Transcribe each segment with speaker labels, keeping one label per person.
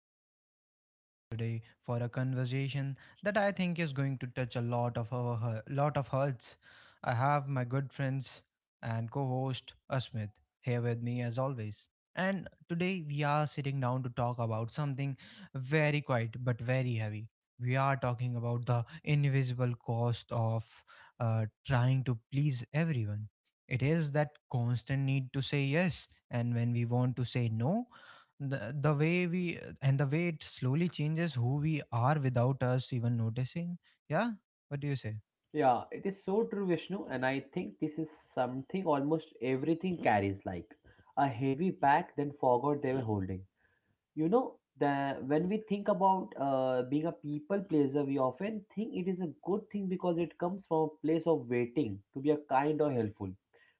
Speaker 1: glad you could join us today for a conversation that I think is going to touch a lot of our hu- lot of hearts. I have my good friends and co-host Asmith here with me as always. And today we are sitting down to talk about something very quiet but very heavy. We are talking about the invisible cost of trying to please everyone. It is that constant need to say yes, and when we want to say no, the way it slowly changes who we are without us even noticing. Yeah, what do you say?
Speaker 2: Yeah, it is so true, Vishnu, and I think this is something almost everything carries like a heavy bag then forgot they were holding. The when we think about being a people pleaser, we often think it is a good thing because it comes from a place of waiting to be a kind or helpful.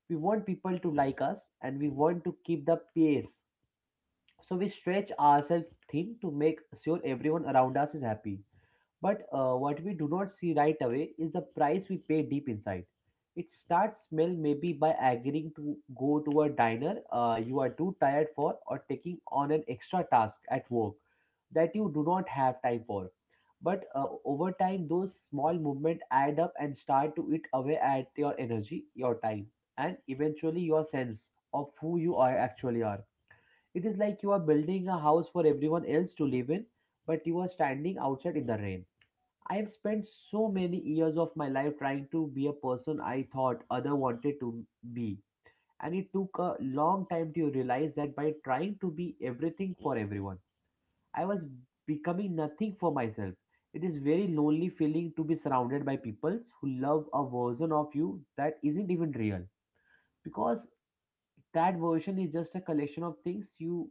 Speaker 2: We want people to like us and we want to keep the pace. So we stretch ourselves thin to make sure everyone around us is happy. But what we do not see right away is the price we pay deep inside. It starts smell maybe by agreeing to go to a diner you are too tired for or taking on an extra task at work that you do not have time for. But over time, those small movements add up and start to eat away at your energy, your time, and eventually your sense of who you are actually are. It is like you are building a house for everyone else to live in, but you are standing outside in the rain. I have spent so many years of my life trying to be a person I thought other wanted to be. And it took a long time to realize that by trying to be everything for everyone, I was becoming nothing for myself. It is very lonely feeling to be surrounded by people who love a version of you that isn't even real. Because that version is just a collection of things you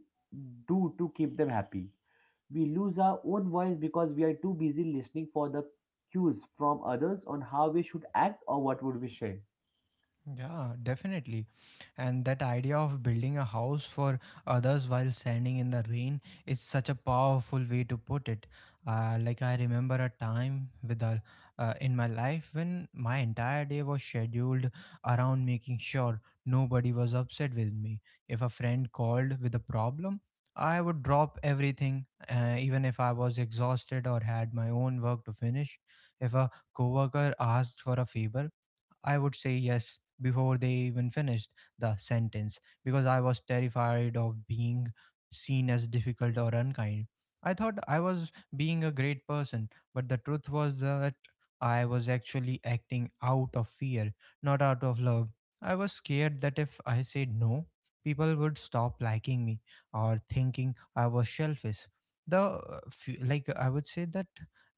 Speaker 2: do to keep them happy. We lose our own voice because we are too busy listening for the cues from others on how we should act or what would we say.
Speaker 1: Yeah, definitely. And that idea of building a house for others while standing in the rain is such a powerful way to put it. Like I remember a time in my life when my entire day was scheduled around making sure nobody was upset with me. If a friend called with a problem, I would drop everything, even if I was exhausted or had my own work to finish. If a coworker asked for a favor, I would say yes before they even finished the sentence because I was terrified of being seen as difficult or unkind. I thought I was being a great person, but the truth was that I was actually acting out of fear, not out of love. I was scared that if I said no, people would stop liking me or thinking I was selfish. Like I would say that,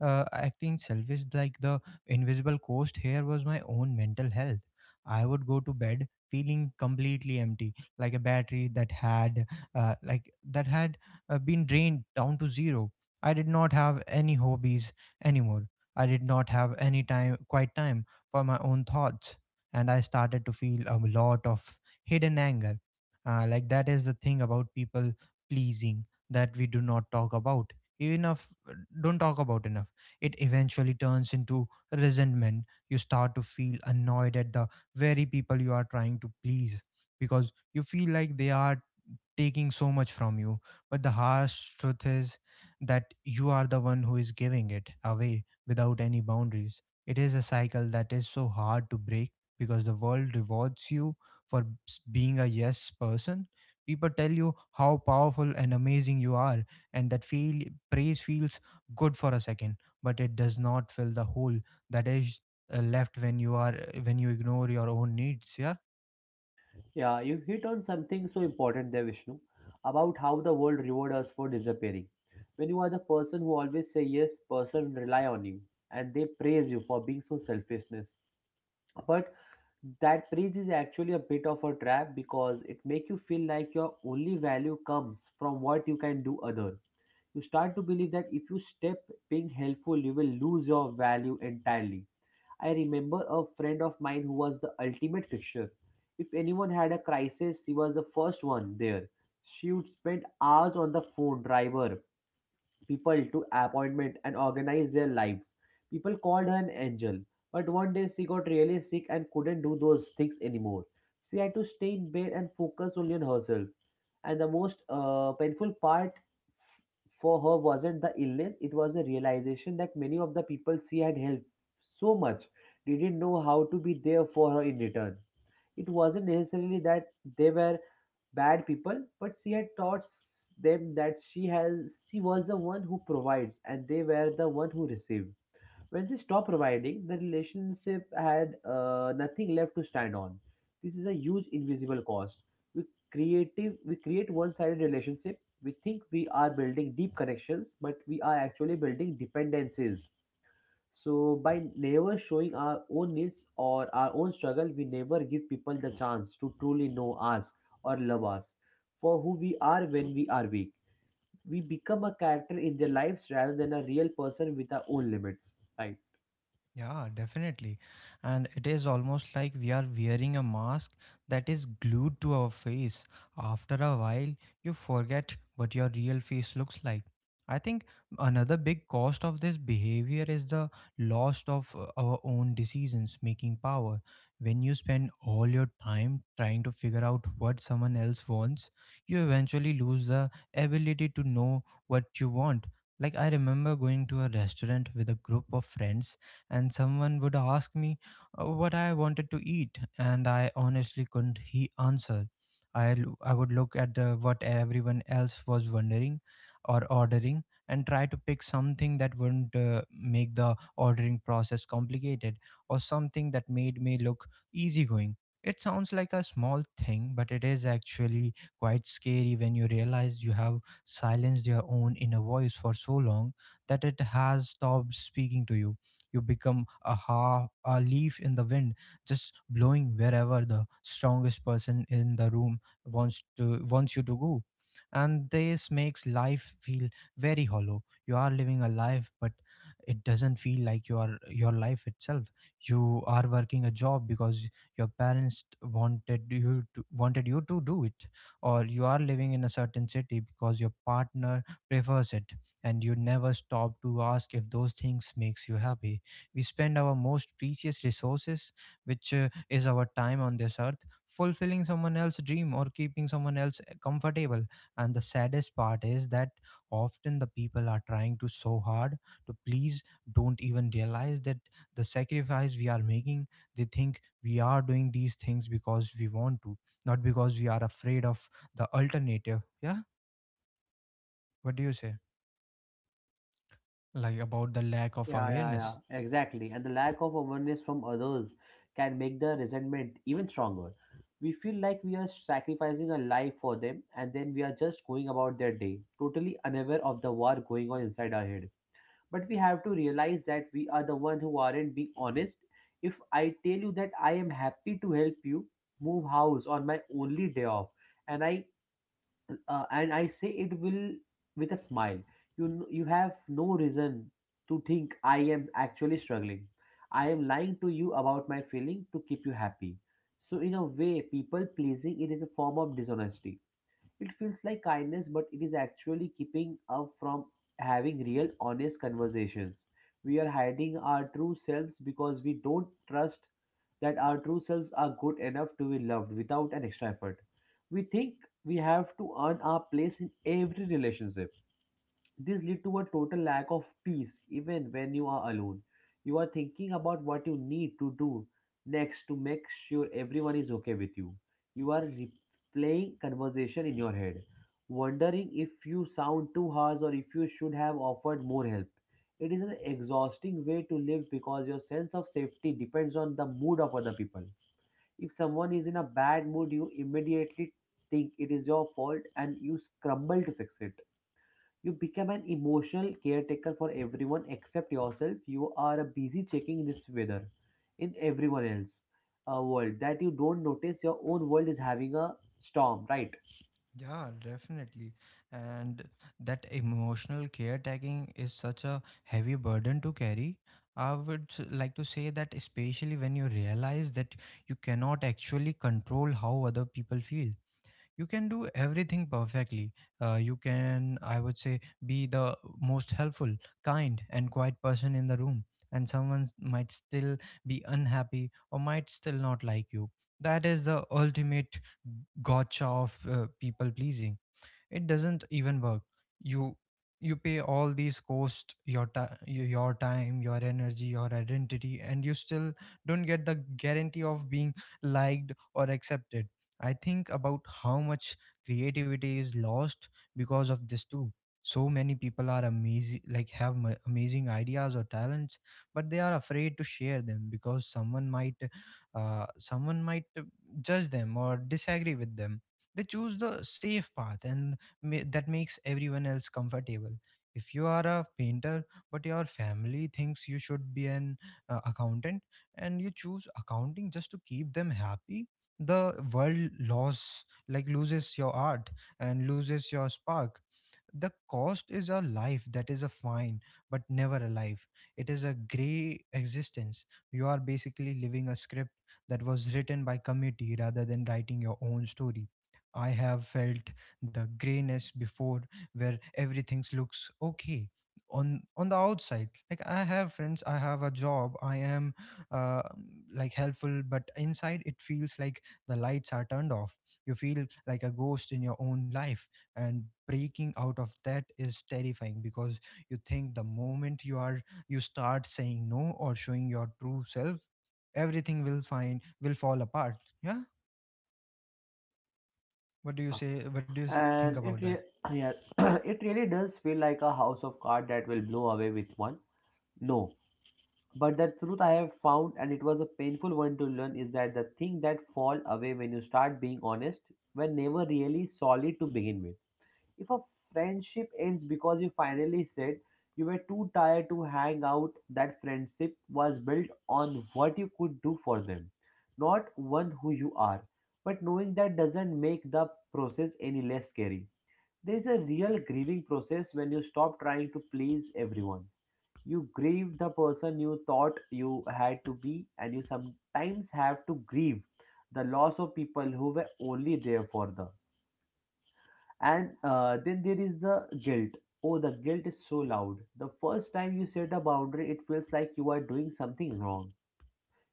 Speaker 1: acting selfish, like the invisible cost here was my own mental health. I would go to bed feeling completely empty, like a battery that had, like that had been drained down to zero. I did not have any hobbies anymore. I did not have any time, quiet time for my own thoughts, and I started to feel a lot of hidden anger. Like that is the thing about people pleasing that we do not talk about enough don't talk about enough. It eventually turns into resentment. You start to feel annoyed at the very people you are trying to please because you feel like they are taking so much from you. But the harsh truth is that you are the one who is giving it away without any boundaries. It is a cycle that is so hard to break because the world rewards you for being a yes person. People tell you how powerful and amazing you are, and that feel praise feels good for a second, but it does not fill the hole that is, left when you ignore your own needs. Yeah.
Speaker 2: Yeah, you hit on something so important there, Vishnu, about how the world rewards us for disappearing. When you are the person who always say yes, person rely on you and they praise you for being so selflessness. But that bridge is actually a bit of a trap because it makes you feel like your only value comes from what you can do other. You start to believe that if you step being helpful you will lose your value entirely. I remember a friend of mine who was the ultimate fixture. If anyone had a crisis she was the first one there. She would spend hours on the phone driver people to appointment and organize their lives. People called her an angel, but one day she got really sick and couldn't do those things anymore. She had to stay in bed and focus only on herself. And the most painful part for her wasn't the illness, it was a realization that many of the people she had helped so much didn't know how to be there for her in return. It wasn't necessarily that they were bad people, but she had taught them that she was the one who provides and they were the one who received. When she stopped providing, the relationship had nothing left to stand on. This is a huge invisible cost. We we create one-sided relationship. We think we are building deep connections, but we are actually building dependencies. So by never showing our own needs or our own struggle, we never give people the chance to truly know us or love us for who we are when we are weak. We become a character in their lives rather than a real person with our own limits. Right.
Speaker 1: Yeah, definitely. And it is almost like we are wearing a mask that is glued to our face. After a while, you forget what your real face looks like. I think another big cost of this behavior is the loss of our own decisions making power. When you spend all your time trying to figure out what someone else wants, you eventually lose the ability to know what you want. Like, I remember going to a restaurant with a group of friends and someone would ask me, what I wanted to eat, and I honestly couldn't he answer. I would look at, what everyone else was wondering or ordering and try to pick something that wouldn't, make the ordering process complicated or something that made me look easygoing. It sounds like a small thing, but it is actually quite scary when you realize you have silenced your own inner voice for so long that it has stopped speaking to you. You become a half a leaf in the wind, just blowing wherever the strongest person in the room wants you to go. And this makes life feel very hollow. You are living a life, but it doesn't feel like you are your life itself. You are working a job because your parents wanted you to do it, or you are living in a certain city because your partner prefers it, and you never stop to ask if those things makes you happy. We spend our most precious resources, which, is our time on this earth, fulfilling someone else's dream or keeping someone else, comfortable. And the saddest part is that often the people are trying to so hard to please, don't even realize that the sacrifice we are making, they think we are doing these things because we want to, not because we are afraid of the alternative. Yeah? What do you say? Like about the lack of
Speaker 2: Yeah, yeah,
Speaker 1: awareness?
Speaker 2: yeah. Exactly. And the lack of awareness from others can make the resentment even stronger. We feel like we are sacrificing a life for them and then we are just going about their day, totally unaware of the war going on inside our head. But we have to realize that we are the one who aren't being honest. If I tell you that I am happy to help you move house on my only day off and i and I say it will with a smile, you have no reason to think I am actually struggling. I am lying to you about my feeling to keep you happy. So in a way people pleasing it is a form of dishonesty. It feels like kindness, but it is actually keeping up from having real, honest conversations. We are hiding our true selves because we don't trust that our true selves are good enough to be loved without an extra effort. We think we have to earn our place in every relationship. This leads to a total lack of peace even when you are alone. You are thinking about what you need to do next to make sure everyone is okay with you. You are replaying conversation in your head, wondering if you sound too harsh or if you should have offered more help. It is an exhausting way to live because your sense of safety depends on the mood of other people. If someone is in a bad mood, you immediately think it is your fault and you scramble to fix it. You become an emotional caretaker for everyone except yourself. You are busy checking this weather in everyone else world that you don't notice your own world is having a storm, right?
Speaker 1: Yeah, definitely. And that emotional caretaking is such a heavy burden to carry. I would like to say that, especially when you realize that you cannot actually control how other people feel. You can do everything perfectly. You can, I would say, be the most helpful, kind and quiet person in the room, and someone might still be unhappy or might still not like you. That is the ultimate gotcha of people pleasing. It doesn't even work. You you pay all these costs, your time, your energy, your identity, and you still don't get the guarantee of being liked or accepted. I think about how much creativity is lost because of this too. So many people are amazing, like amazing ideas or talents, but they are afraid to share them because someone might judge them or disagree with them. They choose the safe path and that makes everyone else comfortable. If you are a painter but your family thinks you should be an, accountant, and you choose accounting just to keep them happy, the world loss like loses your art and loses your spark. The cost is a life that is a fine, but never a life. It is a gray existence. You are basically living a script that was written by committee rather than writing your own story. I have felt the grayness before where everything looks okay on the outside, like I have friends, I have a job, I am, uh, like helpful, but inside it feels like the lights are turned off. You feel like a ghost in your own life, and breaking out of that is terrifying because you think the moment you start saying no or showing your true self, everything will fall apart. Yeah. What do you
Speaker 2: Yeah,
Speaker 1: say? What do you think
Speaker 2: And
Speaker 1: about
Speaker 2: it
Speaker 1: that?
Speaker 2: re- yes, it really does feel like a house of cards that will blow away with one. No, but the truth I have found, and it was a painful one to learn, is that the thing that fall away when you start being honest were never really solid to begin with. If a friendship ends because you finally said you were too tired to hang out, that friendship was built on what you could do for them, not one who you are. But knowing that doesn't make the process any less scary. There is a real grieving process when you stop trying to please everyone. You grieve the person you thought you had to be, and you sometimes have to grieve the loss of people who were only there for the. And then there is the guilt. Oh, the guilt is so loud. The first time you set a boundary it feels like you are doing something wrong.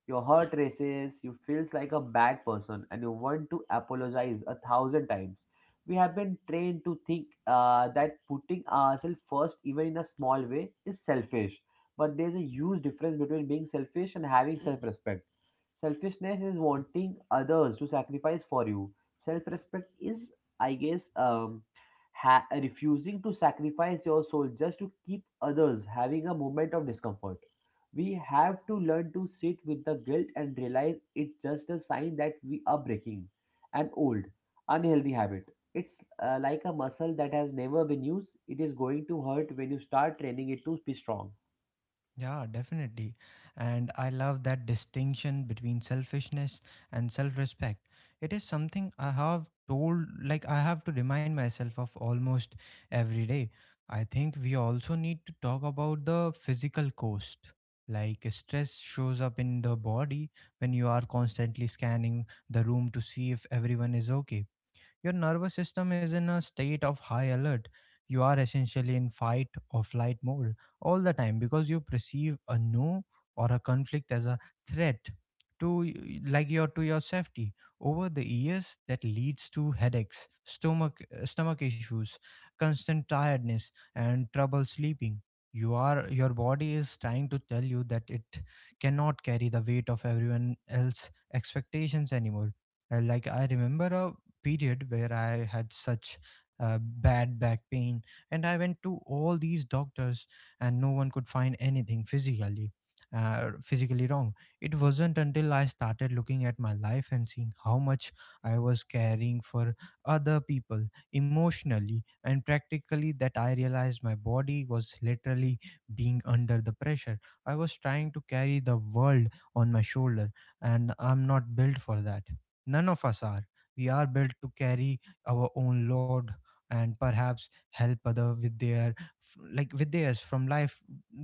Speaker 2: Your heart races, you feels like a bad person and you want to apologize a thousand times. We have been trained to think that putting ourselves first even in a small way is selfish, but there's a huge difference between being selfish and having self-respect. Selfishness is wanting others to sacrifice for you. Self-respect is, I guess, refusing to sacrifice your soul just to keep others having a moment of discomfort. We have to learn to sit with the guilt and realize it's just a sign that we are breaking an old, unhealthy habit. It's like a muscle that has never been used. It is going to hurt when you start training it to be strong.
Speaker 1: Yeah, definitely. And I love that distinction between selfishness and self respect. It is something I have told, like, I have to remind myself of almost every day. I think we also need to talk about the physical cost. Like, stress shows up in the body when you are constantly scanning the room to see if everyone is okay. Your nervous system is in a state of high alert. You are essentially in fight or flight mode all the time because you perceive a no or a conflict as a threat to y- like your to your safety. Over the years, that leads to headaches, stomach issues, constant tiredness and trouble sleeping. Your body is trying to tell you that it cannot carry the weight of everyone else's expectations anymore. Like I remember a period where I had such, bad back pain, and I went to all these doctors and no one could find anything physically wrong. It wasn't until I started looking at my life and seeing how much I was caring for other people, emotionally and practically, that I realized my body was literally being under the pressure. I was trying to carry the world on my shoulder, and I'm not built for that. None of us are. We are built to carry our own load and perhaps help other with their f- like with theirs from life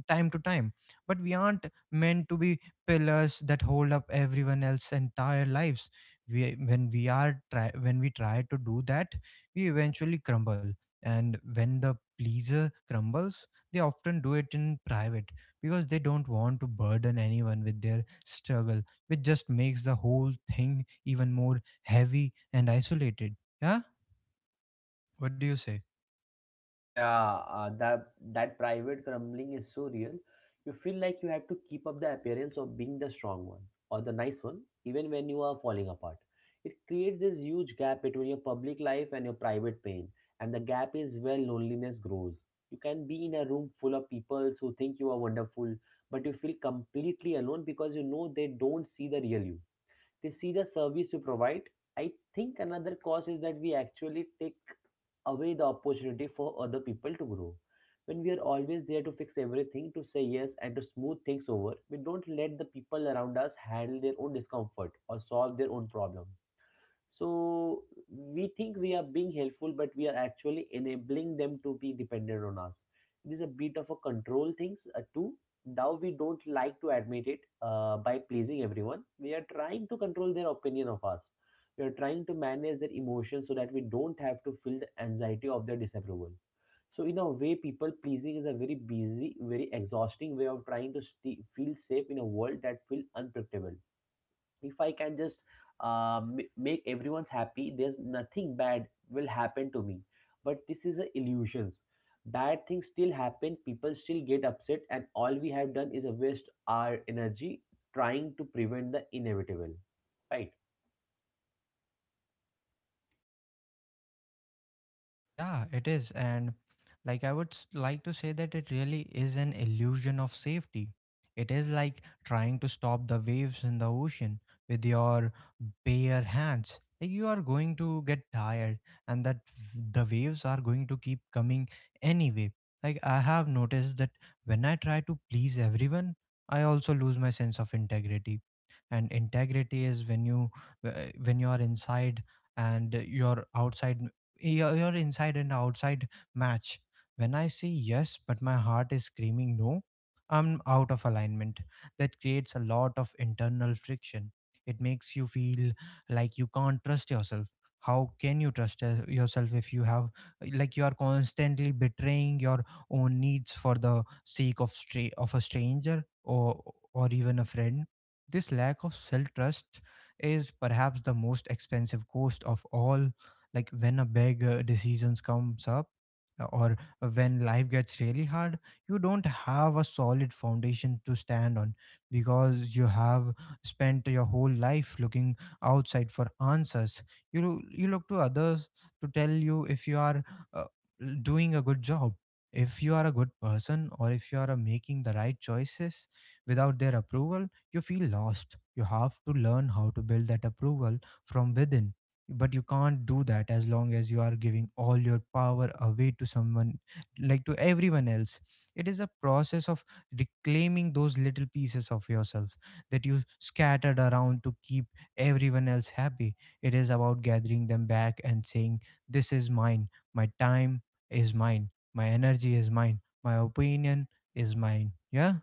Speaker 1: time to time, but we aren't meant to be pillars that hold up everyone else's entire lives. We when we are try when we try to do that, we eventually crumble. And when the pleaser crumbles, they often do it in private because they don't want to burden anyone with their struggle, which just makes the whole thing even more heavy and isolated. Yeah? What do you say?
Speaker 2: Yeah, that private grumbling is so real. You feel like you have to keep up the appearance of being the strong one or the nice one, even when you are falling apart. It creates this huge gap between your public life and your private pain, and the gap is where loneliness grows. You can be in a room full of people who think you are wonderful, but you feel completely alone because you know they don't see the real you, they see the service you provide. I think another cause is that we actually take away the opportunity for other people to grow. When we are always there to fix everything, to say yes, and to smooth things over, we don't let the people around us handle their own discomfort or solve their own problem. So we think we are being helpful but we are actually enabling them to be dependent on us. It is a bit of a control things too. Now we don't like to admit it, by pleasing everyone we are trying to control their opinion of us. We are trying to manage their emotions so that we don't have to feel the anxiety of their disapproval. So in a way people pleasing is a very busy very exhausting way of trying to feel safe in a world that feels unpredictable. If I can just make everyone's happy there's nothing bad will happen to me. But this is a illusions. Bad things still happen, people still get upset and all we have done is a waste our energy trying to prevent the inevitable, right?
Speaker 1: Yeah, it is. And like I would like to say that it really is an illusion of safety. It is like trying to stop the waves in the ocean with your bare hands. Like you are going to get tired, and the waves are going to keep coming anyway. Like I have noticed that when I try to please everyone, I also lose my sense of integrity. And integrity is uh, when you are inside and your outside your inside and outside match. When I say yes, but my heart is screaming no, I'm out of alignment. That creates a lot of internal friction. It makes you feel like you can't trust yourself. How can you trust yourself if you have, like, you are constantly betraying your own needs for the sake of of a stranger or even a friend? This lack of self trust is perhaps the most expensive cost of all, like when a big decisions comes up or when life gets really hard, you don't have a solid foundation to stand on because you have spent your whole life looking outside for answers. You look to others to tell you if you are uh, doing a good job, if you are a good person, or if you are making the right choices. Without their approval, you feel lost. You have to learn how to build that approval from within, but you can't do that as long as you are giving all your power away to someone, like to everyone else. It is a process of reclaiming those little pieces of yourself that you scattered around to keep everyone else happy. It is about gathering them back and saying, this is mine, my time is mine, my energy is mine, my opinion is mine. Yeah,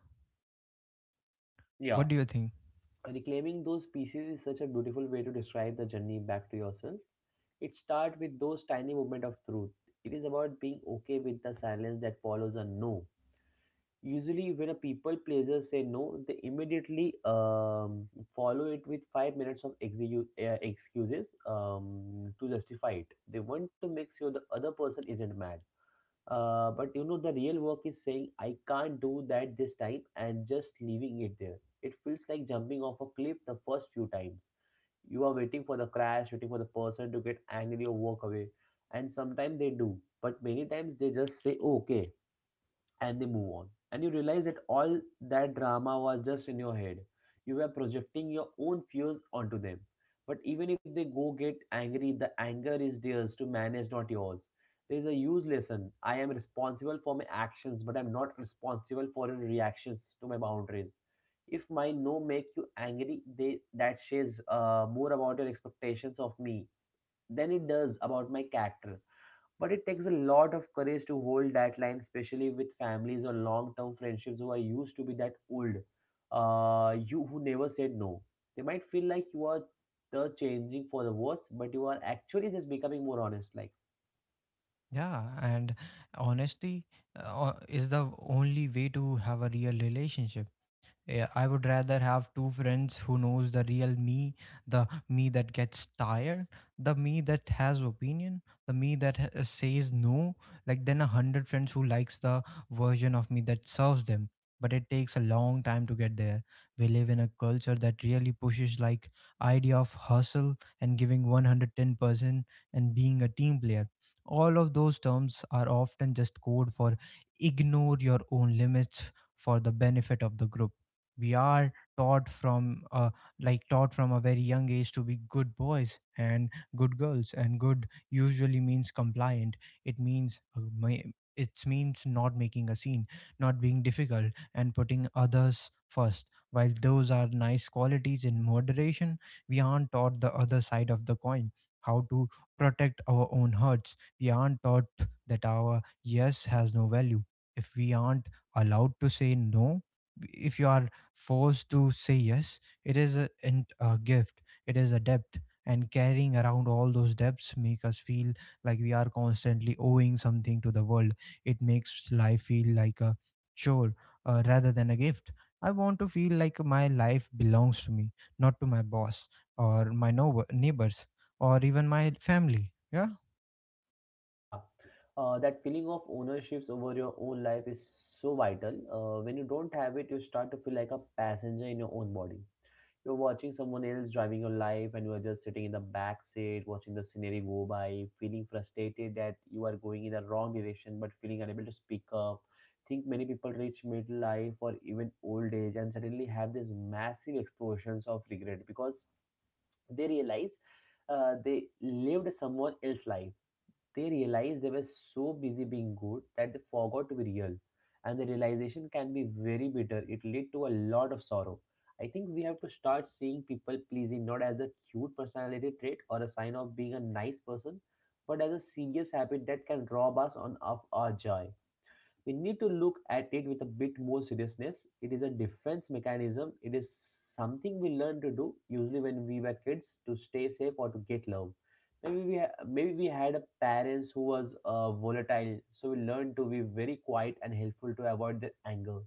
Speaker 2: Yeah.
Speaker 1: what do you think?
Speaker 2: Reclaiming those pieces is such a beautiful way to describe the journey back to yourself. It starts with those tiny moment of truth. It is about being okay with the silence that follows a no. Usually when a people pleaser say no they immediately follow it with 5 minutes of excuses to justify it. They want to make sure the other person isn't mad. But the real work is saying I can't do that this time and just leaving it there. It feels like jumping off a cliff the first few times. You are waiting for the crash, waiting for the person to get angry or walk away. And sometimes they do, but many times they just say, "Oh, okay," and they move on. And you realize that all that drama was just in your head. You were projecting your own fears onto them. But even if they go get angry, the anger is theirs to manage, not yours. There is a huge lesson. I am responsible for my actions, but I'm not responsible for your reactions to my boundaries. If my no make you angry, they that says more about your expectations of me than it does about my character. But it takes a lot of courage to hold that line, especially with families or long-term friendships who are used to be that old. You who never said no. They might feel like you are the changing for the worse, but you are actually just becoming more honest. Like,
Speaker 1: Yeah, and honesty is the only way to have a real relationship. Yeah, I would rather have two friends who knows the real me, the me that gets tired, the me that has opinion, the me that says no, like, than 100 friends who likes the version of me that serves them. But it takes a long time to get there. We live in a culture that really pushes like idea of hustle and giving 110% and being a team player. All of those terms are often just code for ignore your own limits for the benefit of the group. We are taught from taught from a very young age to be good boys and good girls, and good usually means compliant. It means it means not making a scene, not being difficult, and putting others first. While those are nice qualities in moderation, we aren't taught the other side of the coin, how to protect our own hearts. We aren't taught that our yes has no value if we aren't allowed to say no. If you are forced to say yes, it is a gift, it is a debt. And carrying around all those debts make us feel like we are constantly owing something to the world. It makes life feel like a chore, rather than a gift. I want to feel like my life belongs to me, not to my boss or my neighbors, or even my family. Yeah.
Speaker 2: yeah, that feeling of ownerships over your own life is so vital. When you don't have it, you start to feel like a passenger in your own body. You're watching someone else driving your life, and you are just sitting in the back seat, watching the scenery go by, feeling frustrated that you are going in the wrong direction, but feeling unable to speak up. Think many people reach midlife or even old age and suddenly have these massive explosions of regret because they realize they lived someone else's life. They realized they were so busy being good that they forgot to be real. And the realization can be very bitter. It led to a lot of sorrow. I think we have to start seeing people pleasing not as a cute personality trait or a sign of being a nice person, but as a serious habit that can rob us on, of our joy. We need to look at it with a bit more seriousness. It is a defense mechanism. It is something we learn to do usually when we were kids to stay safe or to get love. Maybe we had a parents who was volatile, so we learned to be very quiet and helpful to avoid the anger.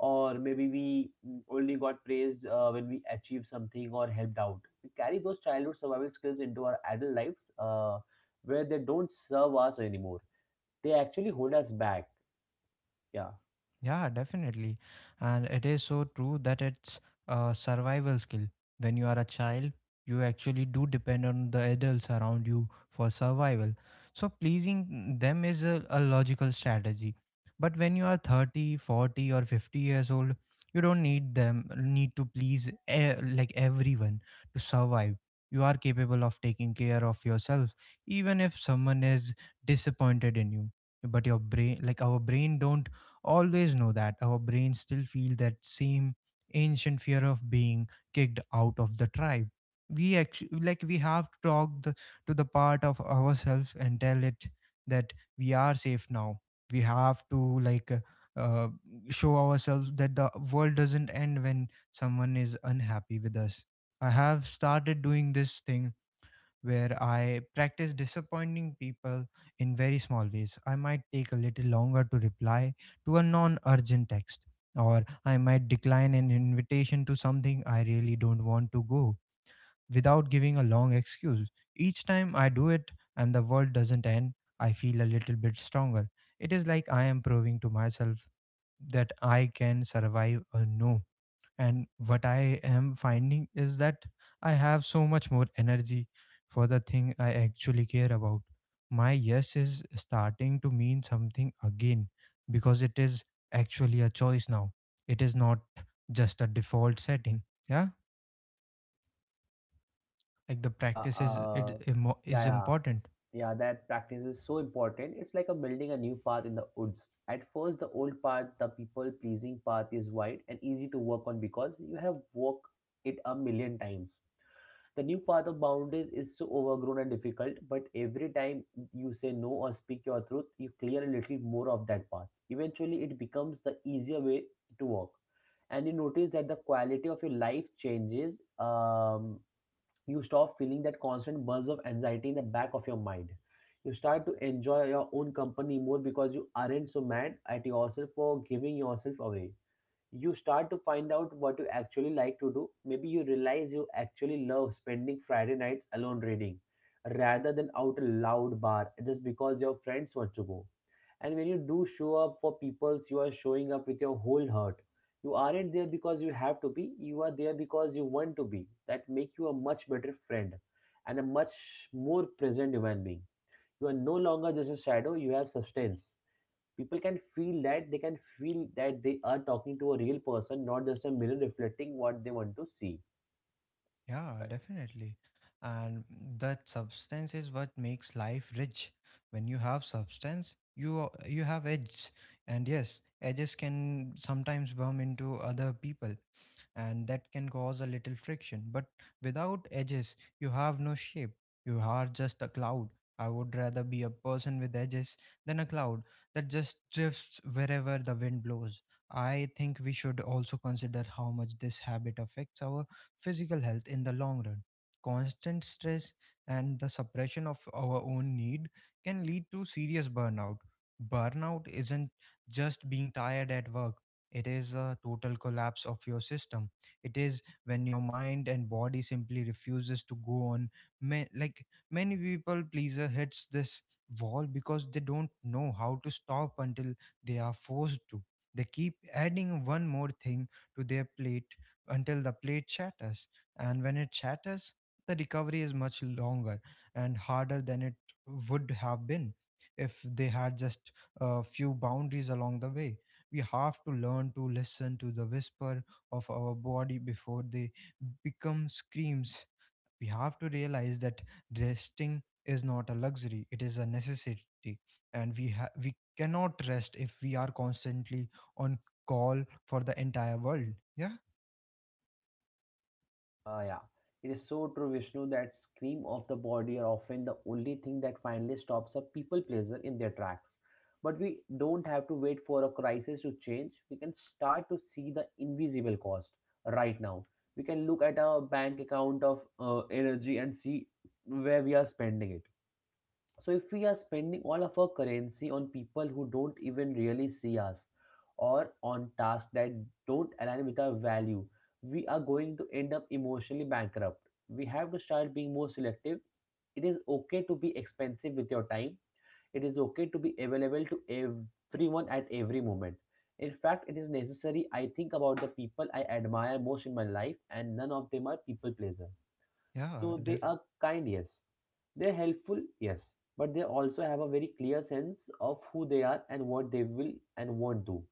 Speaker 2: Or maybe we only got praised when we achieved something or helped out. We carry those childhood survival skills into our adult lives, where they don't serve us anymore. They actually hold us back. Yeah.
Speaker 1: Yeah, definitely. And it is so true that it's a survival skill. When you are a child, you actually do depend on the adults around you for survival. So pleasing them is a logical strategy. But when you are 30, 40, or 50 years old, you don't need to please like everyone to survive. You are capable of taking care of yourself even if someone is disappointed in you. But your brain, like our brain, don't always know that. Our brains still feel that same ancient fear of being kicked out of the tribe. We actually, like, we have to talk to the part of ourselves and tell it that we are safe now. We have to like uh, show ourselves that the world doesn't end when someone is unhappy with us. I have started doing this thing where I practice disappointing people in very small ways. I might take a little longer to reply to a non urgent text, or I might decline an invitation to something I really don't want to go without giving a long excuse. Each time I do it and the world doesn't end, I feel a little bit stronger. It is like I am proving to myself that I can survive a no, and what I am finding is that I have so much more energy for the thing I actually care about. My yes is starting to mean something again because it is actually a choice now. It is not just a default setting. Yeah, like the
Speaker 2: Yeah,
Speaker 1: practice is
Speaker 2: uh,
Speaker 1: is
Speaker 2: yeah, yeah,
Speaker 1: important.
Speaker 2: yeah. That practice is so important. It's like a building a new path in the woods. At first, the old path, the people-pleasing path, is wide and easy to work on because you have walked it a million times. The new path of boundaries is so overgrown and difficult, but every time you say no or speak your truth, you clear a little more of that path. Eventually, it becomes the easier way to walk, and you notice that the quality of your life changes. You stop feeling that constant buzz of anxiety in the back of your mind. You start to enjoy your own company more because you aren't so mad at yourself for giving yourself away. You start to find out what you actually like to do. Maybe you realize you actually love spending Friday nights alone reading rather than out a loud bar just because your friends want to go. And when you do show up for peoples, you are showing up with your whole heart. You aren't there because you have to be, you are there because you want to be. That make you a much better friend and a much more present human being. You are no longer just a shadow, you have substance. People can feel that, they can feel that they are talking to a real person, not just a mirror reflecting what they want to see.
Speaker 1: Yeah, definitely. And that substance is what makes life rich. When you have substance, you have edges. And yes, edges can sometimes bump into other people, and that can cause a little friction. But without edges, you have no shape. You are just a cloud. I would rather be a person with edges than a cloud that just drifts wherever the wind blows. I think we should also consider how much this habit affects our physical health in the long run. Constant stress and the suppression of our own need can lead to serious burnout. Burnout isn't just being tired at work, it is a total collapse of your system. It is when your mind and body simply refuses to go on. Like, many people pleaser hits this wall because they don't know how to stop until they are forced to. They keep adding one more thing to their plate until the plate shatters. And when it shatters, the recovery is much longer and harder than it would have been if they had just a few boundaries along the way. We have to learn to listen to the whisper of our body before they become screams. We have to realize that resting is not a luxury, it is a necessity. And we, we cannot rest if we are constantly on call for the entire world. Yeah.
Speaker 2: Yeah, it is so true, Vishnu, that scream of the body are often the only thing that finally stops a people pleaser in their tracks. But we don't have to wait for a crisis to change. We can start to see the invisible cost right now. We can look at our bank account of energy and see where we are spending it. So if we are spending all of our currency on people who don't even really see us, or on tasks that don't align with our value, we are going to end up emotionally bankrupt. We have to start being more selective. It is okay to be expensive with your time. It is okay to be available to everyone at every moment. In fact, it is necessary. I think about the people I admire most in my life and none of them are people pleaser.
Speaker 1: Yeah,
Speaker 2: So they
Speaker 1: def-
Speaker 2: are kind, yes. They're helpful, yes. But they also have a very clear sense of who they are and what they will and won't do.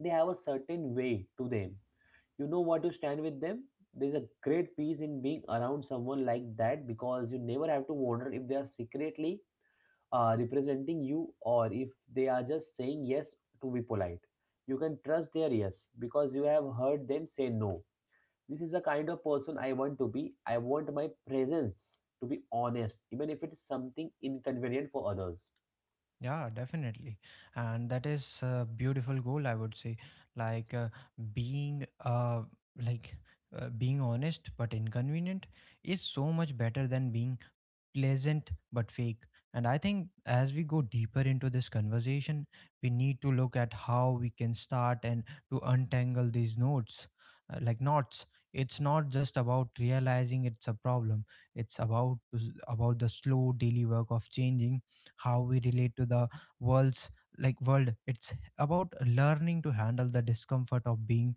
Speaker 2: They have a certain way to them. You know what to stand with them. There's a great peace in being around someone like that because you never have to wonder if they are secretly representing you or if they are just saying yes to be polite. You can trust their yes because you have heard them say no. This is the kind of person I want to be. I want my presence to be honest, even if it is something inconvenient for others.
Speaker 1: yeah, definitely. And that is a beautiful goal, I would say. Like being like being honest but inconvenient is so much better than being pleasant but fake. And I think as we go deeper into this conversation, we need to look at how we can start and to untangle these notes, knots. It's not just about realizing it's a problem. It's about the slow daily work of changing how we relate to the world's world. It's about learning to handle the discomfort of being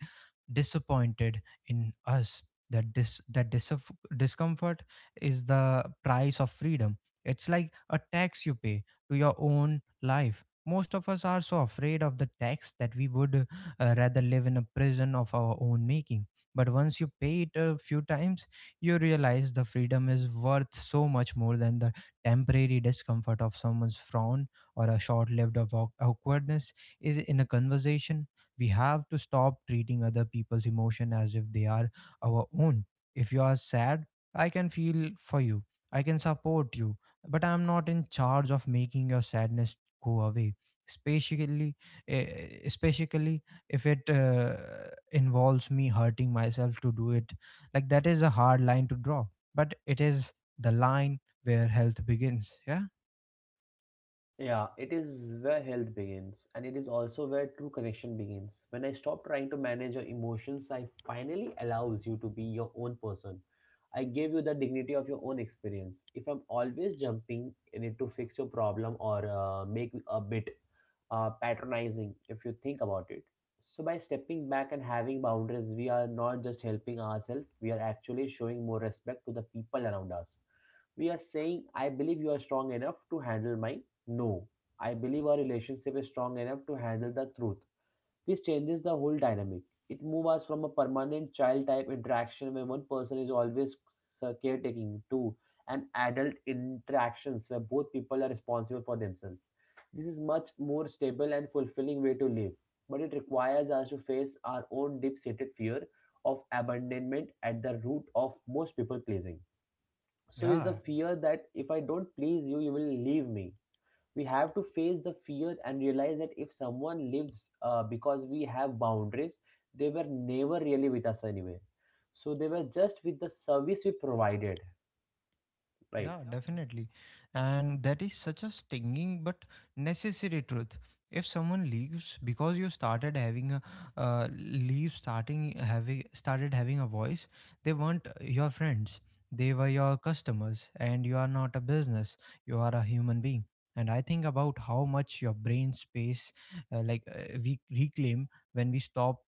Speaker 1: disappointed in us. That discomfort is the price of freedom. It's like a tax you pay to your own life. Most of us are so afraid of the tax that we would rather live in a prison of our own making. But once you pay it a few times, you realize the freedom is worth so much more than the temporary discomfort of someone's frown or a short lived awkwardness is in a conversation. We have to stop treating other people's emotion as if they are our own. If you are sad, I can feel for you. I can support you, but I'm not in charge of making your sadness go away. Especially, eh, especially if it involves me hurting myself to do it. Like that is a hard line to draw, but it is the line where health begins. Yeah,
Speaker 2: Yeah, it is where health begins, and it is also where true connection begins. When I stop trying to manage your emotions, I finally allows you to be your own person. I give you the dignity of your own experience. If I'm always jumping in it to fix your problem, or make a bit patronizing, if you think about it. So by stepping back and having boundaries, we are not just helping ourselves; we are actually showing more respect to the people around us. We are saying I believe you are strong enough to handle my no, I believe our relationship is strong enough to handle the truth. This changes the whole dynamic. It moves us from a permanent child type interaction where one person is always caretaking to an adult interactions where both people are responsible for themselves. This is much more stable and fulfilling way to live, but it requires us to face our own deep-seated fear of abandonment at the root of most people pleasing. So is Yeah.
Speaker 1: yeah.
Speaker 2: the fear that if I don't please you, you will leave me. We have to face the fear and realize that if someone lives because we have boundaries, they were never really with us anyway. So they were just with the service we provided, right?
Speaker 1: Yeah, definitely. And that is such a stinging but necessary truth. If someone leaves because you started having a leave starting having started having a voice, they weren't your friends. They were your customers and you are not a business. You are a human being. And I think about how much your brain space we reclaim when we stop,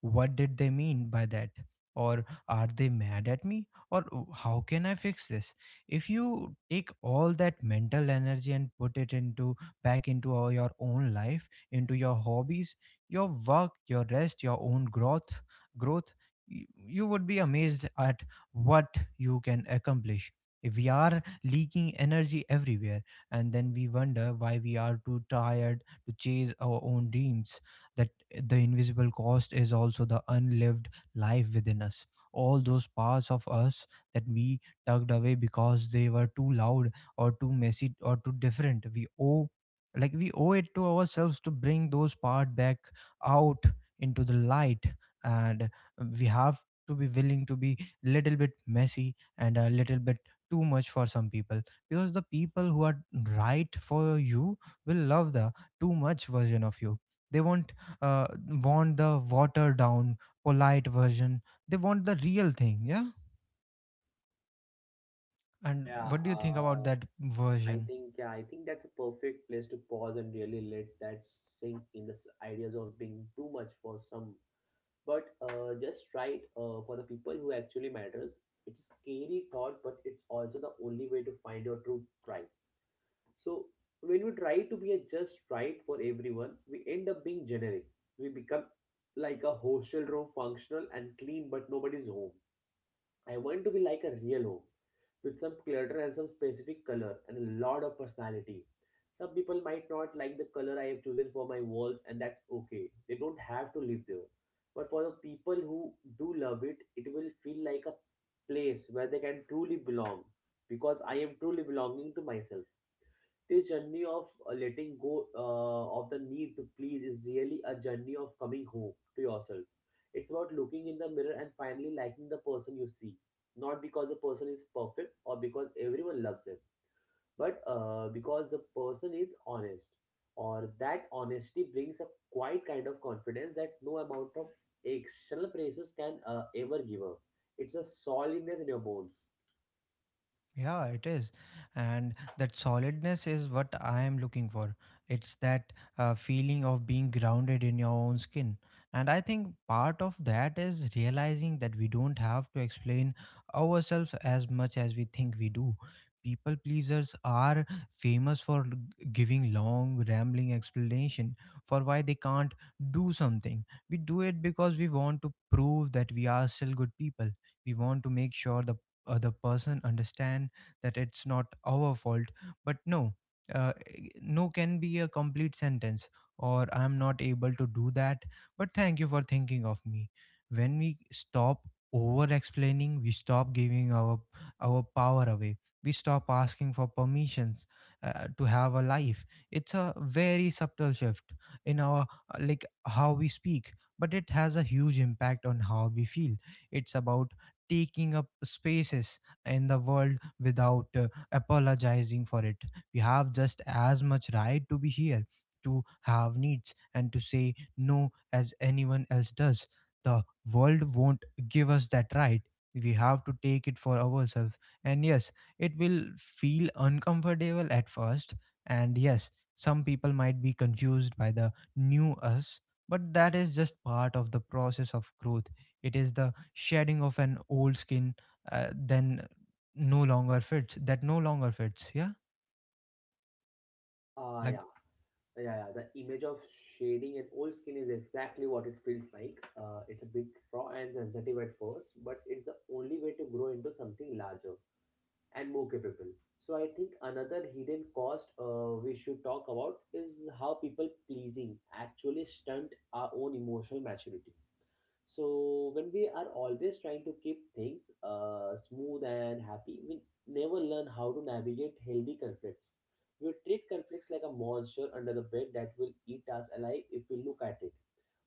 Speaker 1: what did they mean by that? Or are they mad at me? Or, oh, how can I fix this? If you take all that mental energy and put it into back into your own life, into your hobbies, your work, your rest, your own growth, y- you would be amazed at what you can accomplish. If we are leaking energy everywhere, and then we wonder why we are too tired to chase our own dreams. The the invisible cost is also the unlived life within us. All those parts of us that we tugged away because they were too loud or too messy or too different. We owe, like, we owe it to ourselves to bring those parts back out into the light. And we have to be willing to be little bit messy and a little bit too much for some people, because the people who are right for you will love the too much version of you. They won't uh, want the watered down polite version. They want the real thing. Yeah, and
Speaker 2: Yeah,
Speaker 1: what do you think about
Speaker 2: uh,
Speaker 1: that
Speaker 2: I
Speaker 1: version?
Speaker 2: think yeah, I think that's a perfect place to pause and really let that sink in the ideas of being too much for some. But just right for the people who actually matters, it's a scary thought, but it's also the only way to find your true tribe. So when we try to be a just right for everyone, we end up being generic. We become like a hostel room, functional and clean, but nobody's home. I want to be like a real home with some clutter and some specific color and a lot of personality. Some people might not like the color I have chosen for my walls, and that's okay. They don't have to live there. But for the people who do love it, it will feel like a place where they can truly belong because I am truly belonging to myself. This journey of letting go of the need to please is really a journey of coming home to yourself. It's about looking in the mirror and finally liking the person you see. Not because the person is perfect or because everyone loves him, but because the person is honest. Or that honesty brings a quiet kind of confidence that no amount of external praises can ever give up. It's a solidness in your bones.
Speaker 1: Yeah, it is. And that solidness is what I am looking for. It's that feeling of being grounded in your own skin. And I think part of that is realizing that we don't have to explain ourselves as much as we think we do. People pleasers are famous for giving long, rambling explanation for why they can't do something. We do it because we want to prove that we are still good people. We want to make sure the other person understand that it's not our fault, but no, uh, no can be a complete sentence, or I'm not able to do that, but thank you for thinking of me. When we stop over explaining, we stop giving our power away. We stop asking for permissions to have a life. It's a very subtle shift in our like how we speak, but it has a huge impact on how we feel. It's about taking up spaces in the world without apologizing for it. We have just as much right to be here, to have needs, and to say no as anyone else does. The world won't give us that right. We have to take it for ourselves. And yes, it will feel uncomfortable at first. And yes, some people might be confused by the new us, but that is just part of the process of growth. It is the shedding of an old skin, then no longer fits yeah,
Speaker 2: Ah,
Speaker 1: like,
Speaker 2: yeah. Yeah, yeah. The image of shading an old skin is exactly what it feels like. It's a bit raw and sensitive at first, but it's the only way to grow into something larger and more capable. So I think another hidden cost we should talk about is how people pleasing actually stunt our own emotional maturity. So when we are always trying to keep things smooth and happy, we never learn how to navigate healthy conflicts. We treat conflicts like a monster under the bed that will eat us alive if we look at it.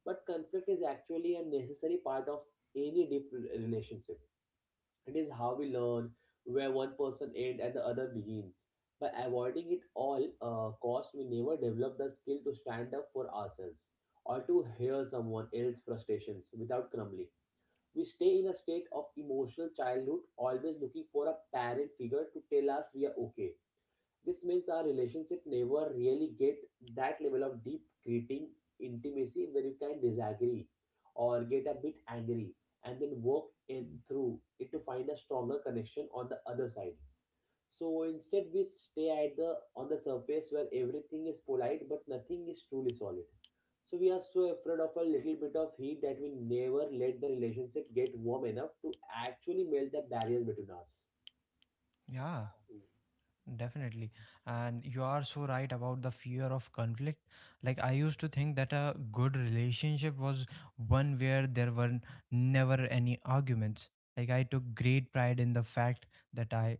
Speaker 2: But conflict is actually a necessary part of any deep relationship. It is how we learn where one person ends and the other begins. By avoiding it all cost, we never develop the skill to stand up for ourselves or to hear someone else's frustrations without crumbling. We stay in a state of emotional childhood, always looking for a parent figure to tell us we are okay. This means our relationship never really get that level of deep greeting intimacy where you can disagree or get a bit angry and then work in through it to find a stronger connection on the other side. So instead we stay at the on the surface where everything is polite but nothing is truly solid. So we are so afraid of a little bit of heat that we never let the relationship get warm enough to actually melt the barriers between us.
Speaker 1: yeah,
Speaker 2: Wow.
Speaker 1: definitely. And you are so right about the fear of conflict. Like, I used to think that a good relationship was one where there were never any arguments. Like, I took great pride in the fact that I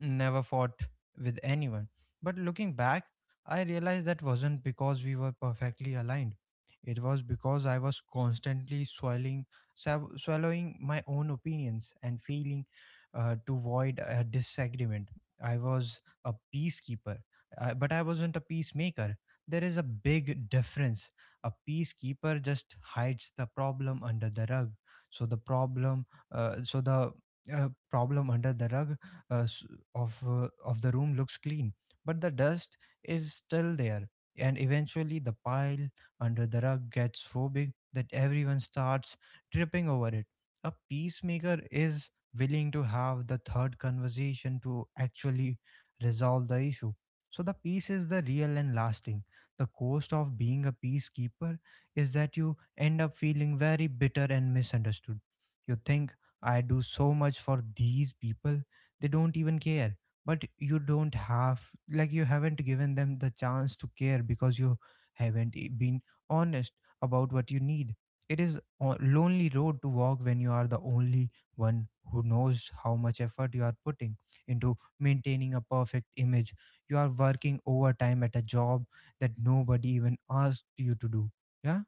Speaker 1: never fought with anyone. But looking back, I realized that wasn't because we were perfectly aligned. It was because I was constantly swallowing my own opinions and feeling to avoid a disagreement. I was a peacekeeper, but I wasn't a peacemaker. There is a big difference. A peacekeeper just hides the problem under the rug. So the problem, so the problem under the rug, uh. s- of the room looks clean, but the dust is still there, and eventually the pile under the rug gets so big that everyone starts tripping over it. A peacemaker is willing to have the third conversation to actually resolve the issue. So the peace is the real and lasting. The cost of being a peacekeeper is that you end up feeling very bitter and misunderstood. You think, I do so much for these people, they don't even care. But you don't have, like, you haven't given them the chance to care because you haven't been honest about what you need. It is a lonely road to walk when you are the only one who knows how much effort you are putting into maintaining a perfect image. You are working overtime at a job that nobody even asked you to do. Yeah,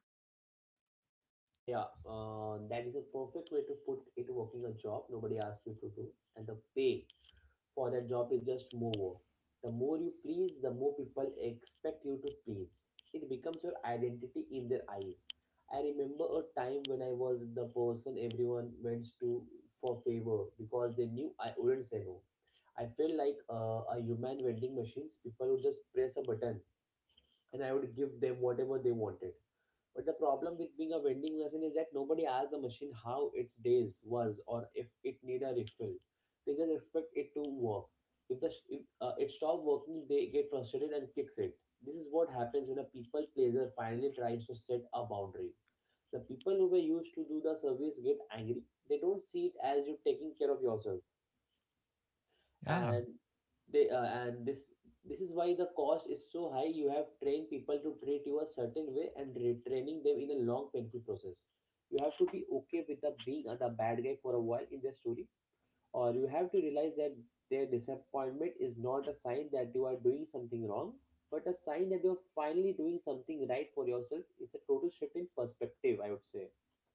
Speaker 2: Yeah, that is a perfect way to put it, working a job nobody asks you to do. And the pay for that job is just more. The more you please, the more people expect you to please. It becomes your identity in their eyes. I remember a time when I was the person everyone went to for favor because they knew I wouldn't say no. I felt like a human vending machines. People would just press a button and I would give them whatever they wanted, but the problem with being a vending machine is that nobody asks the machine how its days was or if it need a refill. They just expect it to work. If it stops working, they get frustrated and kicks it. This is what happens when a people pleaser finally tries to set a boundary. The people who were used to do the service get angry. They don't see it as you taking care of yourself,
Speaker 1: yeah,
Speaker 2: and they and this is why the cost is so high. You have trained people to treat you a certain way, and retraining them in a long painful process. You have to be okay with the being a the bad guy for a while in their story, or you have to realize that their disappointment is not a sign that you are doing something wrong but a sign that you're finally doing something right for yourself. It's a total shift in perspective, I would say.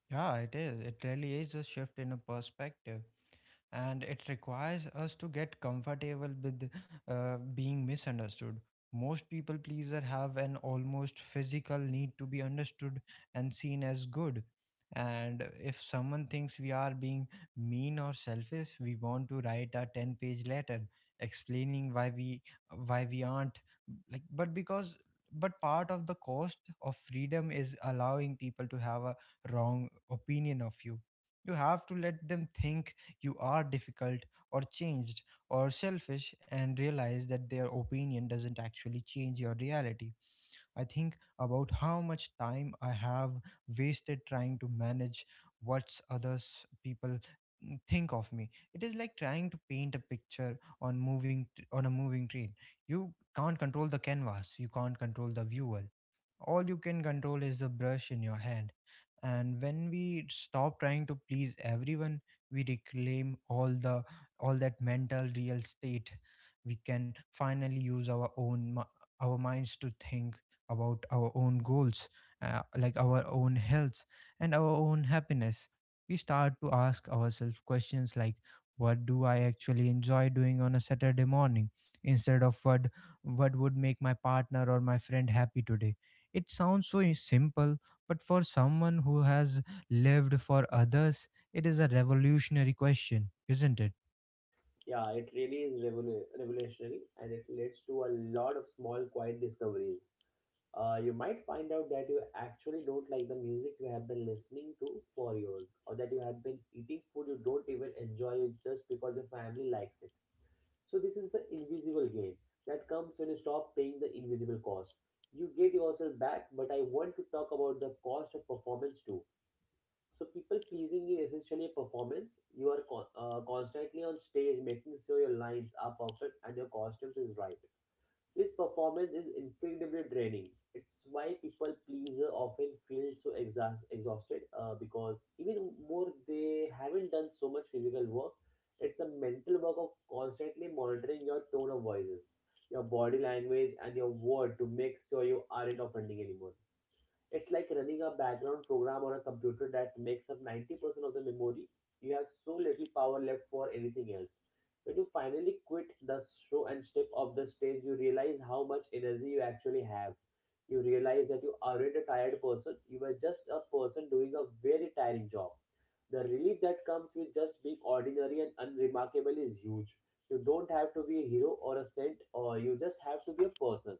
Speaker 1: yeah, it is, it really is a shift in a perspective. And it requires us to get comfortable with being misunderstood. Most people pleaser have an almost physical need to be understood and seen as good. And if someone thinks we are being mean or selfish, we want to write a 10-page letter explaining why we aren't, like, but because, but part of the cost of freedom is allowing people to have a wrong opinion of you. You have to let them think you are difficult or changed or selfish, and realize that their opinion doesn't actually change your reality. I think about how much time I have wasted trying to manage what's others people think of me. It is like trying to paint a picture on on a moving train. You can't control the canvas, you can't control the viewer, all you can control is the brush in your hand. And when we stop trying to please everyone, we reclaim all that mental real estate. We can finally use our minds to think about our own goals, like our own health and our own happiness. We start to ask ourselves questions like, "What do I actually enjoy doing on a Saturday morning?" instead of what would make my partner or my friend happy today. It sounds so simple, but for someone who has lived for others, it is a revolutionary question, isn't it?
Speaker 2: Yeah, it really is revolutionary, and it leads to a lot of small quiet discoveries. You might find out that you actually don't like the music you have been listening to for years, or that you have been eating food you don't even enjoy it just because your family likes it. So, this is the invisible gain that comes when you stop paying the invisible cost. You get yourself back, but I want to talk about the cost of performance too. So, people pleasing is essentially a performance. You are constantly on stage making sure your lines are perfect and your costumes is right. This performance is incredibly draining. It's why people pleaser often feel so exhausted, because even more they haven't done so much physical work. It's a mental work of constantly monitoring your tone of voices, your body language, and your word to make sure you aren't offending anyone. It's like running a background program on a computer that makes up 90% of the memory. You have so little power left for anything else. When you finally quit the show and step off the stage, you realize how much energy you actually have. You realize that you aren't a tired person, you are just a person doing a very tiring job. The relief that comes with just being ordinary and unremarkable is huge. You don't have to be a hero or a saint, or you just have to be a person.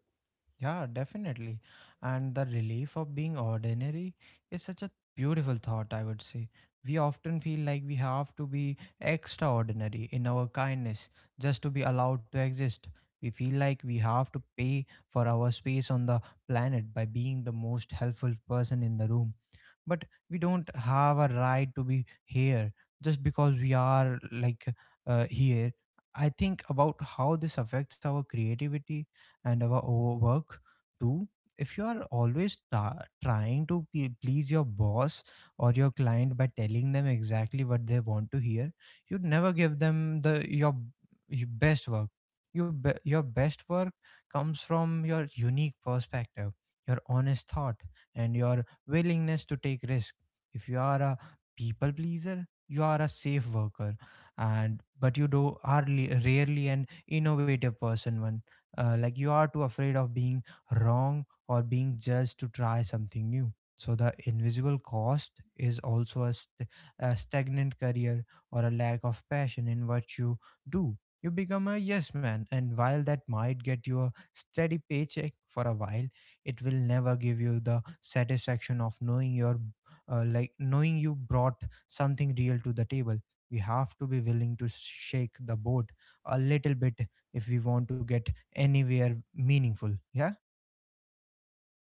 Speaker 1: Yeah, definitely. And the relief of being ordinary is such a beautiful thought, I would say. We often feel like we have to be extraordinary in our kindness just to be allowed to exist. We feel like we have to pay for our space on the planet by being the most helpful person in the room. But we don't have a right to be here just because we are, like, here. I think about how this affects our creativity and our work too. If you are always trying to please your boss or your client by telling them exactly what they want to hear, you'd never give them your best work. Your best work comes from your unique perspective, your honest thought, and your willingness to take risk. If you are a people pleaser, you are a safe worker, and but you do are rarely an innovative person one, like you are too afraid of being wrong or being judged to try something new. So the invisible cost is also a stagnant career or a lack of passion in what you do. You become a yes man, and while that might get you a steady paycheck for a while, it will never give you the satisfaction of knowing your, like knowing you brought something real to the table. We have to be willing to shake the boat a little bit if we want to get anywhere meaningful. Yeah,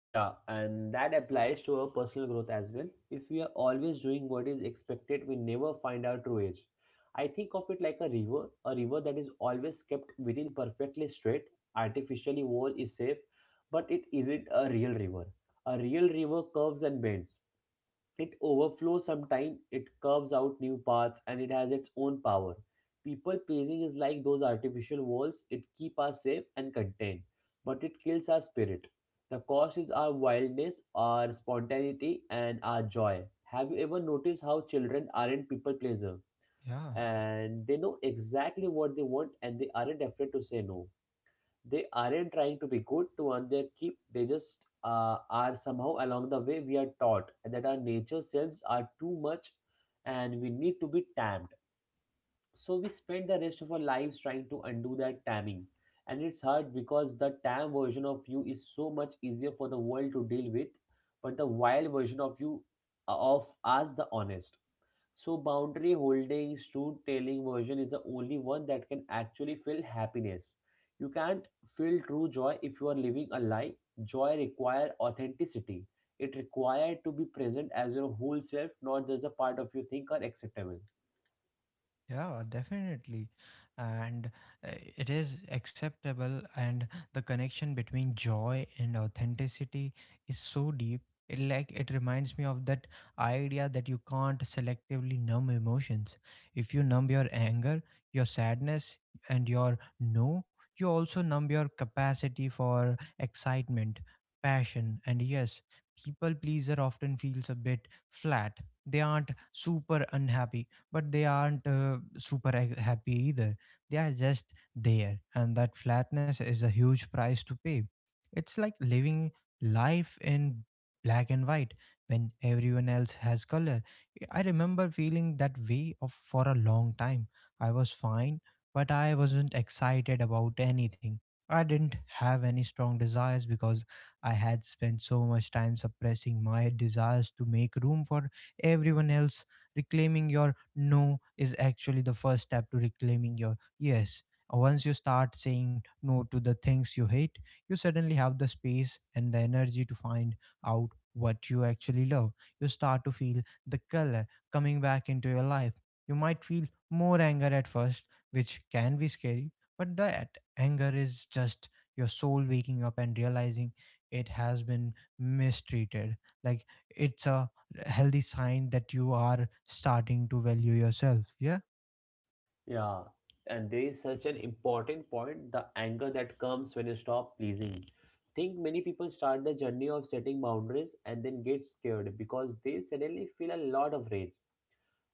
Speaker 2: Yeah, and that applies to our personal growth as well. If we are always doing what is expected, we never find our true age. I think of it like a river that is always kept within perfectly straight, artificially wall is safe, but it isn't a real river. A real river curves and bends. It overflows sometimes, it curves out new paths, and it has its own power. People pleasing is like those artificial walls, it keeps us safe and contained, but it kills our spirit. The cost is our wildness, our spontaneity, and our joy. Have you ever noticed how children aren't people pleaser?
Speaker 1: yeah,
Speaker 2: And they know exactly what they want and they aren't afraid to say no. They aren't trying to be good to earn their keep, they just are. Somehow along the way we are taught that our nature selves are too much and we need to be tamed, so we spend the rest of our lives trying to undo that taming. And it's hard because the tam version of you is so much easier for the world to deal with, but the wild version of you, of us, the honest, so boundary holding, truth telling version is the only one that can actually feel happiness. You can't feel true joy if you are living a lie. Joy requires authenticity. It requires to be present as your whole self, not just the part of you think are acceptable.
Speaker 1: yeah, definitely. And it is acceptable, and the connection between joy and authenticity is so deep. It, like, it reminds me of that idea that you can't selectively numb emotions. If you numb your anger, your sadness, and your no, you also numb your capacity for excitement, passion, and yes, people pleaser often feels a bit flat. They aren't super unhappy, but they aren't super happy either. They are just there, and that flatness is a huge price to pay. It's like living life in black and white when everyone else has color. I remember feeling that way of, for a long time. I was fine, but I wasn't excited about anything. I didn't have any strong desires because I had spent so much time suppressing my desires to make room for everyone else. Reclaiming your no is actually the first step to reclaiming your yes. Once you start saying no to the things you hate, you suddenly have the space and the energy to find out what you actually love. You start to feel the color coming back into your life. You might feel more anger at first, which can be scary, but that anger is just your soul waking up and realizing it has been mistreated. Like, it's a healthy sign that you are starting to value yourself. Yeah,
Speaker 2: Yeah. And there is such an important point, the anger that comes when you stop pleasing. Think many people start the journey of setting boundaries and then get scared because they suddenly feel a lot of rage,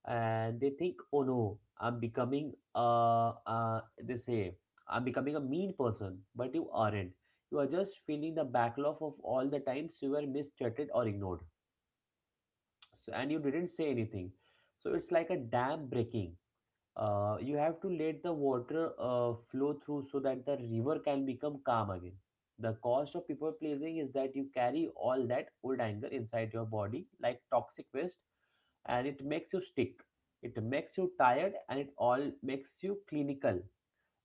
Speaker 2: and they think, "Oh no, I'm becoming a they say, "I'm becoming a mean person," but you aren't. You are just feeling the backlog of all the times you were mistreated or ignored, so, and you didn't say anything. So it's like a dam breaking. You have to let the water flow through so that the river can become calm again. The cost of people pleasing is that you carry all that old anger inside your body like toxic waste, and it makes you stick, it makes you tired, and it all makes you clinical.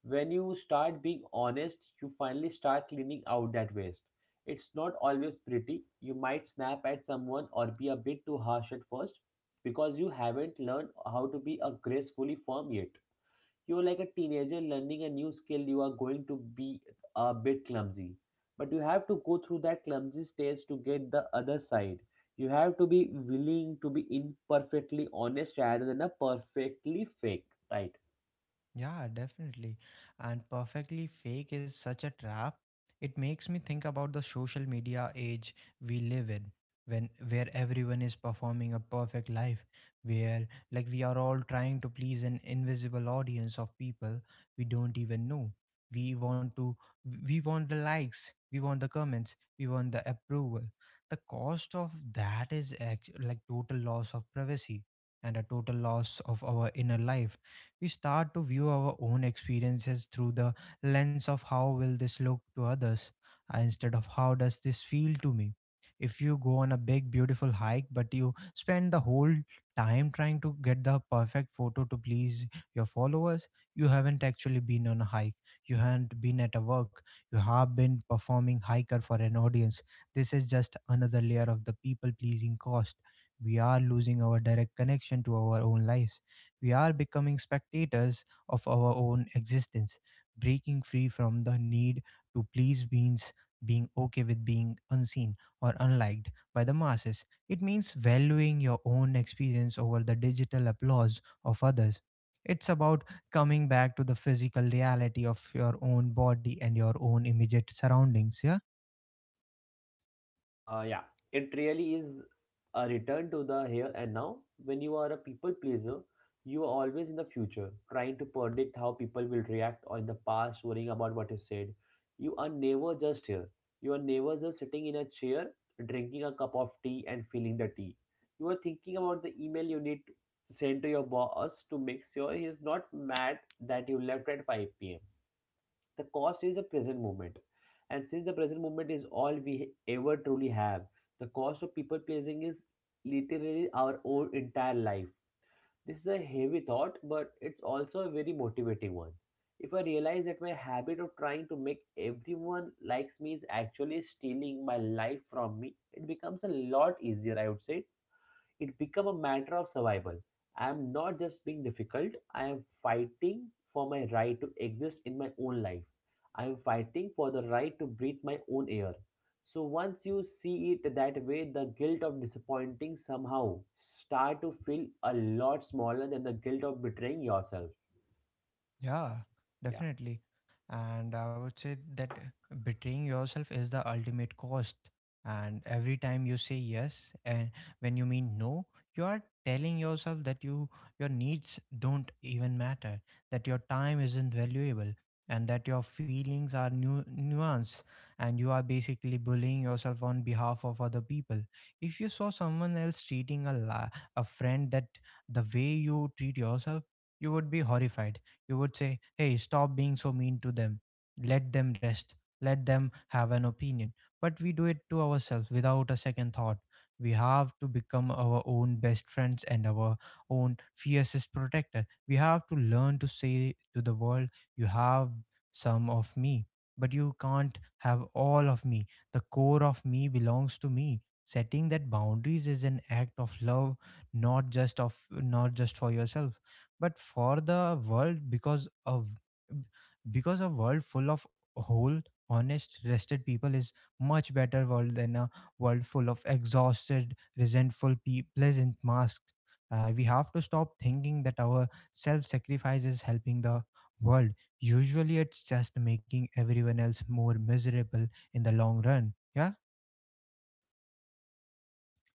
Speaker 2: When you start being honest, you finally start cleaning out that waste. It's not always pretty, you might snap at someone or be a bit too harsh at first because you haven't learned how to be a gracefully firm yet. You're like a teenager learning a new skill. You are going to be a bit clumsy, but you have to go through that clumsy stage to get the other side. You have to be willing to be imperfectly honest rather than a perfectly fake, right?
Speaker 1: yeah, definitely. And perfectly fake is such a trap. It makes me think about the social media age we live in, when where everyone is performing a perfect life where, like, we are all trying to please an invisible audience of people we don't even know. We want to we want the likes, we want the comments, we want the approval. The cost of that is like total loss of privacy and a total loss of our inner life. We start to view our own experiences through the lens of how will this look to others instead of how does this feel to me. If you go on a big beautiful hike but you spend the whole time trying to get the perfect photo to please your followers, you haven't actually been on a hike, you haven't been at a work, you have been performing hiker for an audience. This is just another layer of the people pleasing cost. We are losing our direct connection to our own lives, we are becoming spectators of our own existence, breaking free from the need to please beings, being okay with being unseen or unliked by the masses. It means valuing your own experience over the digital applause of others. It's about coming back to the physical reality of your own body and your own immediate surroundings. Yeah.
Speaker 2: Yeah, it really is a return to the here and now. When you are a people pleaser, you are always in the future, trying to predict how people will react, or in the past, worrying about what you said. You are never just here. You are never just sitting in a chair, drinking a cup of tea, and feeling the tea. You are thinking about the email you need to send to your boss to make sure he is not mad that you left at 5 p.m. The cost is the present moment. And since the present moment is all we ever truly have, the cost of people pleasing is literally our own entire life. This is a heavy thought, but it's also a very motivating one. If I realize that my habit of trying to make everyone likes me is actually stealing my life from me, it becomes a lot easier, I would say, it become a matter of survival. I am not just being difficult, I am fighting for my right to exist in my own life. I am fighting for the right to breathe my own air. So once you see it that way, the guilt of disappointing somehow start to feel a lot smaller than the guilt of betraying yourself.
Speaker 1: Yeah,
Speaker 2: Yeah.
Speaker 1: definitely. And I would say that betraying yourself is the ultimate cost. And every time you say yes, and when you mean no, you are telling yourself that your needs don't even matter, that your time isn't valuable, and that your feelings are nuanced, and you are basically bullying yourself on behalf of other people. If you saw someone else treating a friend that the way you treat yourself, you would be horrified. You would say, hey, stop being so mean to them. Let them rest. Let them have an opinion. But we do it to ourselves without a second thought. We have to become our own best friends and our own fiercest protector. We have to learn to say to the world, you have some of me, but you can't have all of me. The core of me belongs to me. Setting that boundaries is an act of love, not just for yourself but for the world because a world full of whole, honest, rested people is much better world than a world full of exhausted, resentful pleasant masks. We have to stop thinking that our self-sacrifice is helping the world. Usually it's just making everyone else more miserable in the long run. Yeah.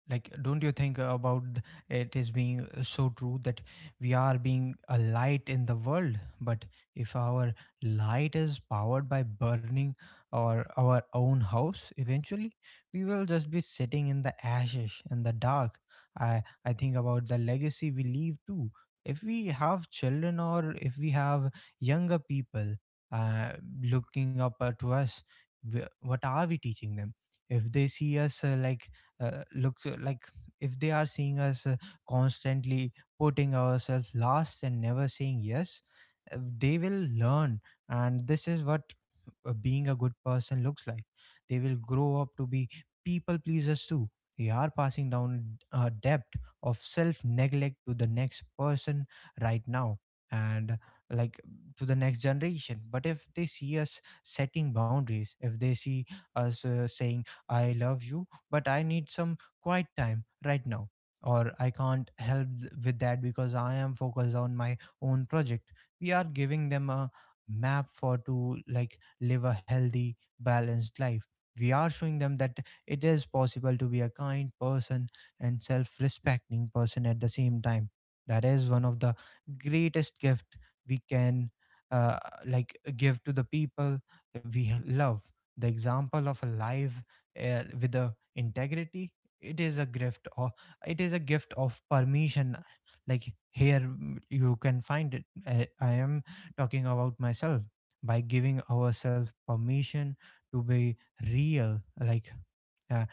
Speaker 1: Like, don't you think about it is being so true that we are being a light in the world, but if our light is powered by burning or our own house, eventually we will just be sitting in the ashes in the dark. I think about the legacy we leave too. If we have children or if we have younger people uh, looking up to us, what are we teaching them? If they see us like, if they are seeing us constantly putting ourselves last and never saying yes, they will learn, and this is what being a good person looks like. They will grow up to be people pleasers too. They are passing down a debt of self neglect to the next person right now and, like, to the next generation. But if they see us setting boundaries, if they see us saying, I love you, but I need some quiet time right now. Or I can't help with that because I am focused on my own project. We are giving them a map for to, like, live a healthy, balanced life. We are showing them that it is possible to be a kind person and self respecting person at the same time. That is one of the greatest gift we can uh, give to the people we love. The example of a life with a integrity. It is a gift, or it is a gift of permission. Like, here you can find it. I am talking about myself. By giving ourselves permission to be real, like, uh,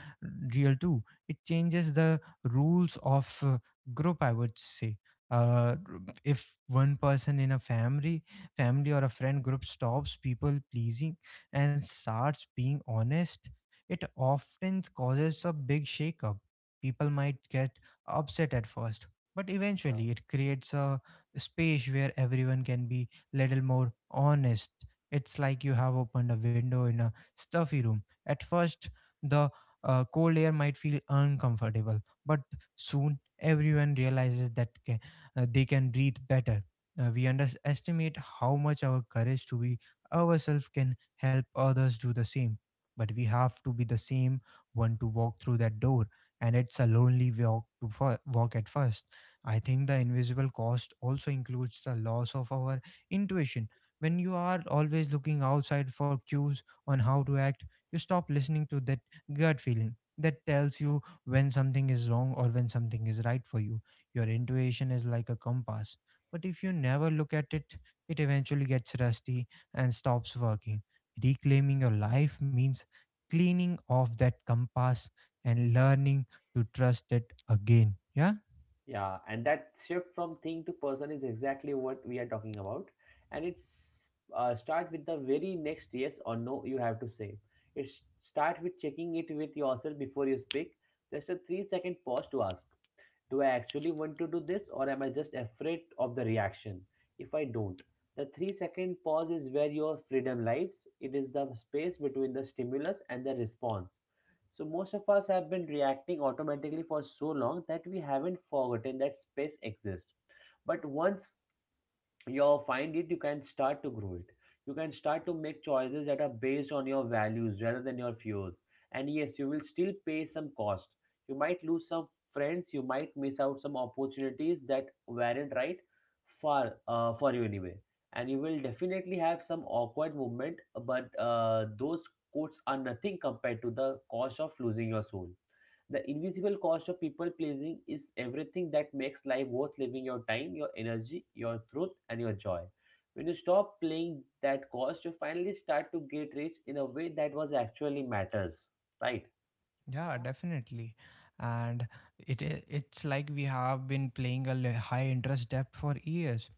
Speaker 1: real too, it changes the rules of group, I would say. uh, if one person in a family or a friend group stops people pleasing and starts being honest, it often causes a big shakeup. People might get upset at first, but eventually it creates a space where everyone can be little more honest. It's like you have opened a window in a stuffy room. At first the cold air might feel uncomfortable, but soon everyone realizes that they can breathe better. We underestimate how much our courage to be ourselves can help others do the same. But we have to be the same one to walk through that door, and it's a lonely walk to walk at first. I think the invisible cost also includes the loss of our intuition. When you are always looking outside for cues on how to act, you stop listening to that gut feeling that tells you when something is wrong or when something is right for you. Your intuition is like a compass, but if you never look at it, it eventually gets rusty and stops working. Reclaiming your life means cleaning off that compass and learning to trust it again. Yeah.
Speaker 2: Yeah, and that shift from thing to person is exactly what we are talking about. And it's start with the very next yes or no you have to say. It's start with checking it with yourself before you speak. Just a 3 second pause to ask. Do I actually want to do this, or am I just afraid of the reaction? If I don't, the 3 second pause is where your freedom lies. It is the space between the stimulus and the response. So, most of us have been reacting automatically for so long that we haven't forgotten that space exists. But once you'll find it, you can start to grow it. You can start to make choices that are based on your values rather than your fears. And yes, you will still pay some cost. You might lose some friends, you might miss out some opportunities that weren't right for you anyway. And you will definitely have some awkward moment, but those costs are nothing compared to the cost of losing your soul. The invisible cost of people pleasing is everything that makes life worth living: your time, your energy, your truth, and your joy. When you stop playing that cost, you finally start to get rich in a way that was actually matters. Right?
Speaker 1: Yeah, definitely. And it's like we have been playing a high interest debt for years,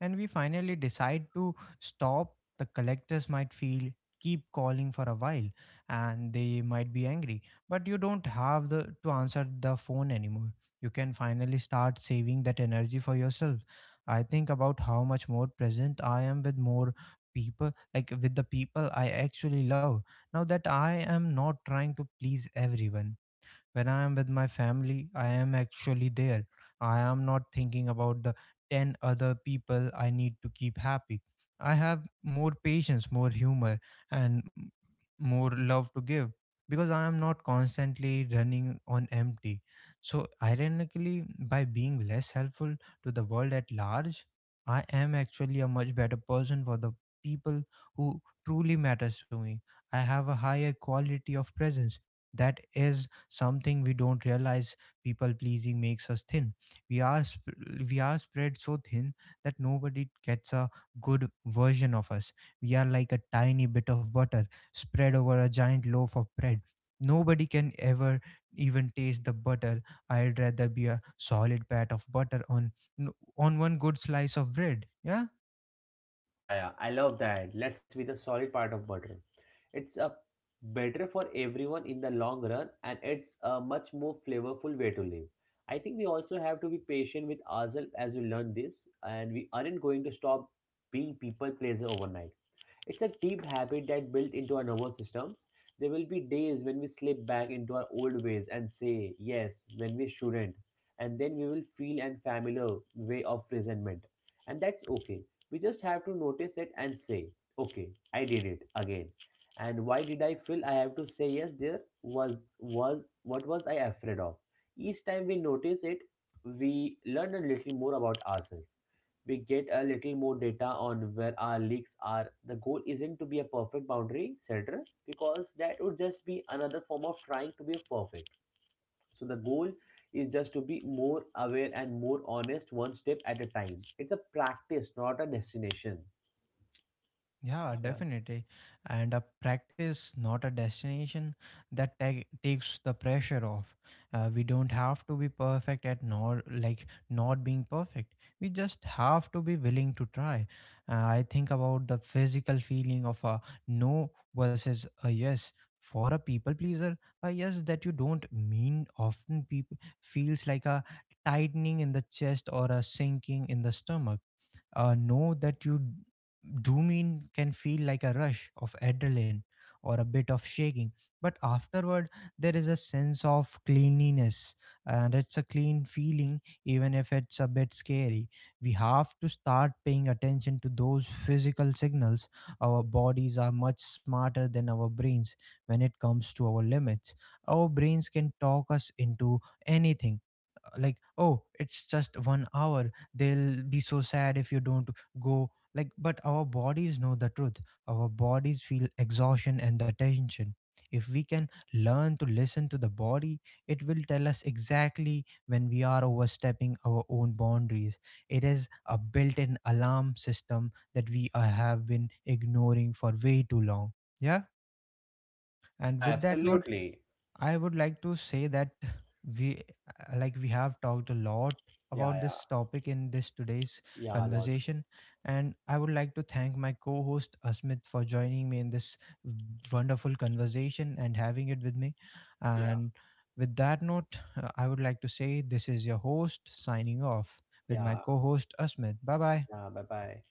Speaker 1: and we finally decide to stop. The collectors might feel keep calling for a while, and they might be angry. But you don't have the to answer the phone anymore. You can finally start saving that energy for yourself. I think about how much more present I am with more people, like with the people I actually love now that I am not trying to please everyone. When I am with my family, I am actually there. I am not thinking about the 10 other people I need to keep happy. I have more patience, more humor, and more love to give, because I am not constantly running on empty. So, ironically, by being less helpful to the world at large, I am actually a much better person for the people who truly matters to me. I have a higher quality of presence. That is something we don't realize. People pleasing makes us thin. we are sp- we are spread so thin that nobody gets a good version of us. We are like a tiny bit of butter spread over a giant loaf of bread. Nobody can ever even taste the butter. I'd rather be a solid pat of butter on n- on one good slice of bread. Yeah.
Speaker 2: Yeah, yeah. I love that. Let's be the solid part of butter. It's a better for everyone in the long run and it's a much more flavorful way to live. I think we also have to be patient with ourselves as we learn this, and we aren't going to stop being people pleaser overnight. It's a deep habit that built into our nervous systems. There will be days when we slip back into our old ways and say yes when we shouldn't, and then we will feel an familiar way of resentment. And that's okay. We just have to notice it and say, okay, I did it again. And why did I feel I have to say yes there? Was what was I afraid of? Each time we notice it, we learn a little more about ourselves. We get a little more data on where our leaks are. The goal isn't to be a perfect boundary setter because that would just be another form of trying to be perfect. So the goal is just to be more aware and more honest, one step at a time. It's a practice, not a destination.
Speaker 1: Yeah,
Speaker 2: Yeah.
Speaker 1: definitely. And a practice, not a destination, that takes the pressure off. We don't have to be perfect at nor like not being perfect. We just have to be willing to try. I think about the physical feeling of a no versus a yes. For a people pleaser, a yes that you don't mean often people feels like a tightening in the chest or a sinking in the stomach. Know that you dopamine can feel like a rush of adrenaline or a bit of shaking. But afterward there is a sense of cleanliness, and it's a clean feeling even if it's a bit scary. We have to start paying attention to those physical signals. Our bodies are much smarter than our brains when it comes to our limits. Our brains can talk us into anything, like, oh, it's just 1 hour, they'll be so sad if you don't go, like. But our bodies know the truth. Our bodies feel exhaustion and the tension. If we can learn to listen to the body, it will tell us exactly when we are overstepping our own boundaries. It is a built-in alarm system that we have been ignoring for way too long. Yeah. And
Speaker 2: Yeah,
Speaker 1: with that note,
Speaker 2: absolutely.
Speaker 1: I would like to say that we we have talked a lot
Speaker 2: Yeah,
Speaker 1: about
Speaker 2: yeah.
Speaker 1: this topic in this today's
Speaker 2: Yeah, Lord.
Speaker 1: conversation, and I would like to thank my co-host Asmit for joining me in this wonderful conversation and having it with me.
Speaker 2: Yeah.
Speaker 1: And with that note, I would like to say this is your host signing off with my
Speaker 2: Yeah.
Speaker 1: co-host Asmit. Bye bye.
Speaker 2: Yeah. Bye bye.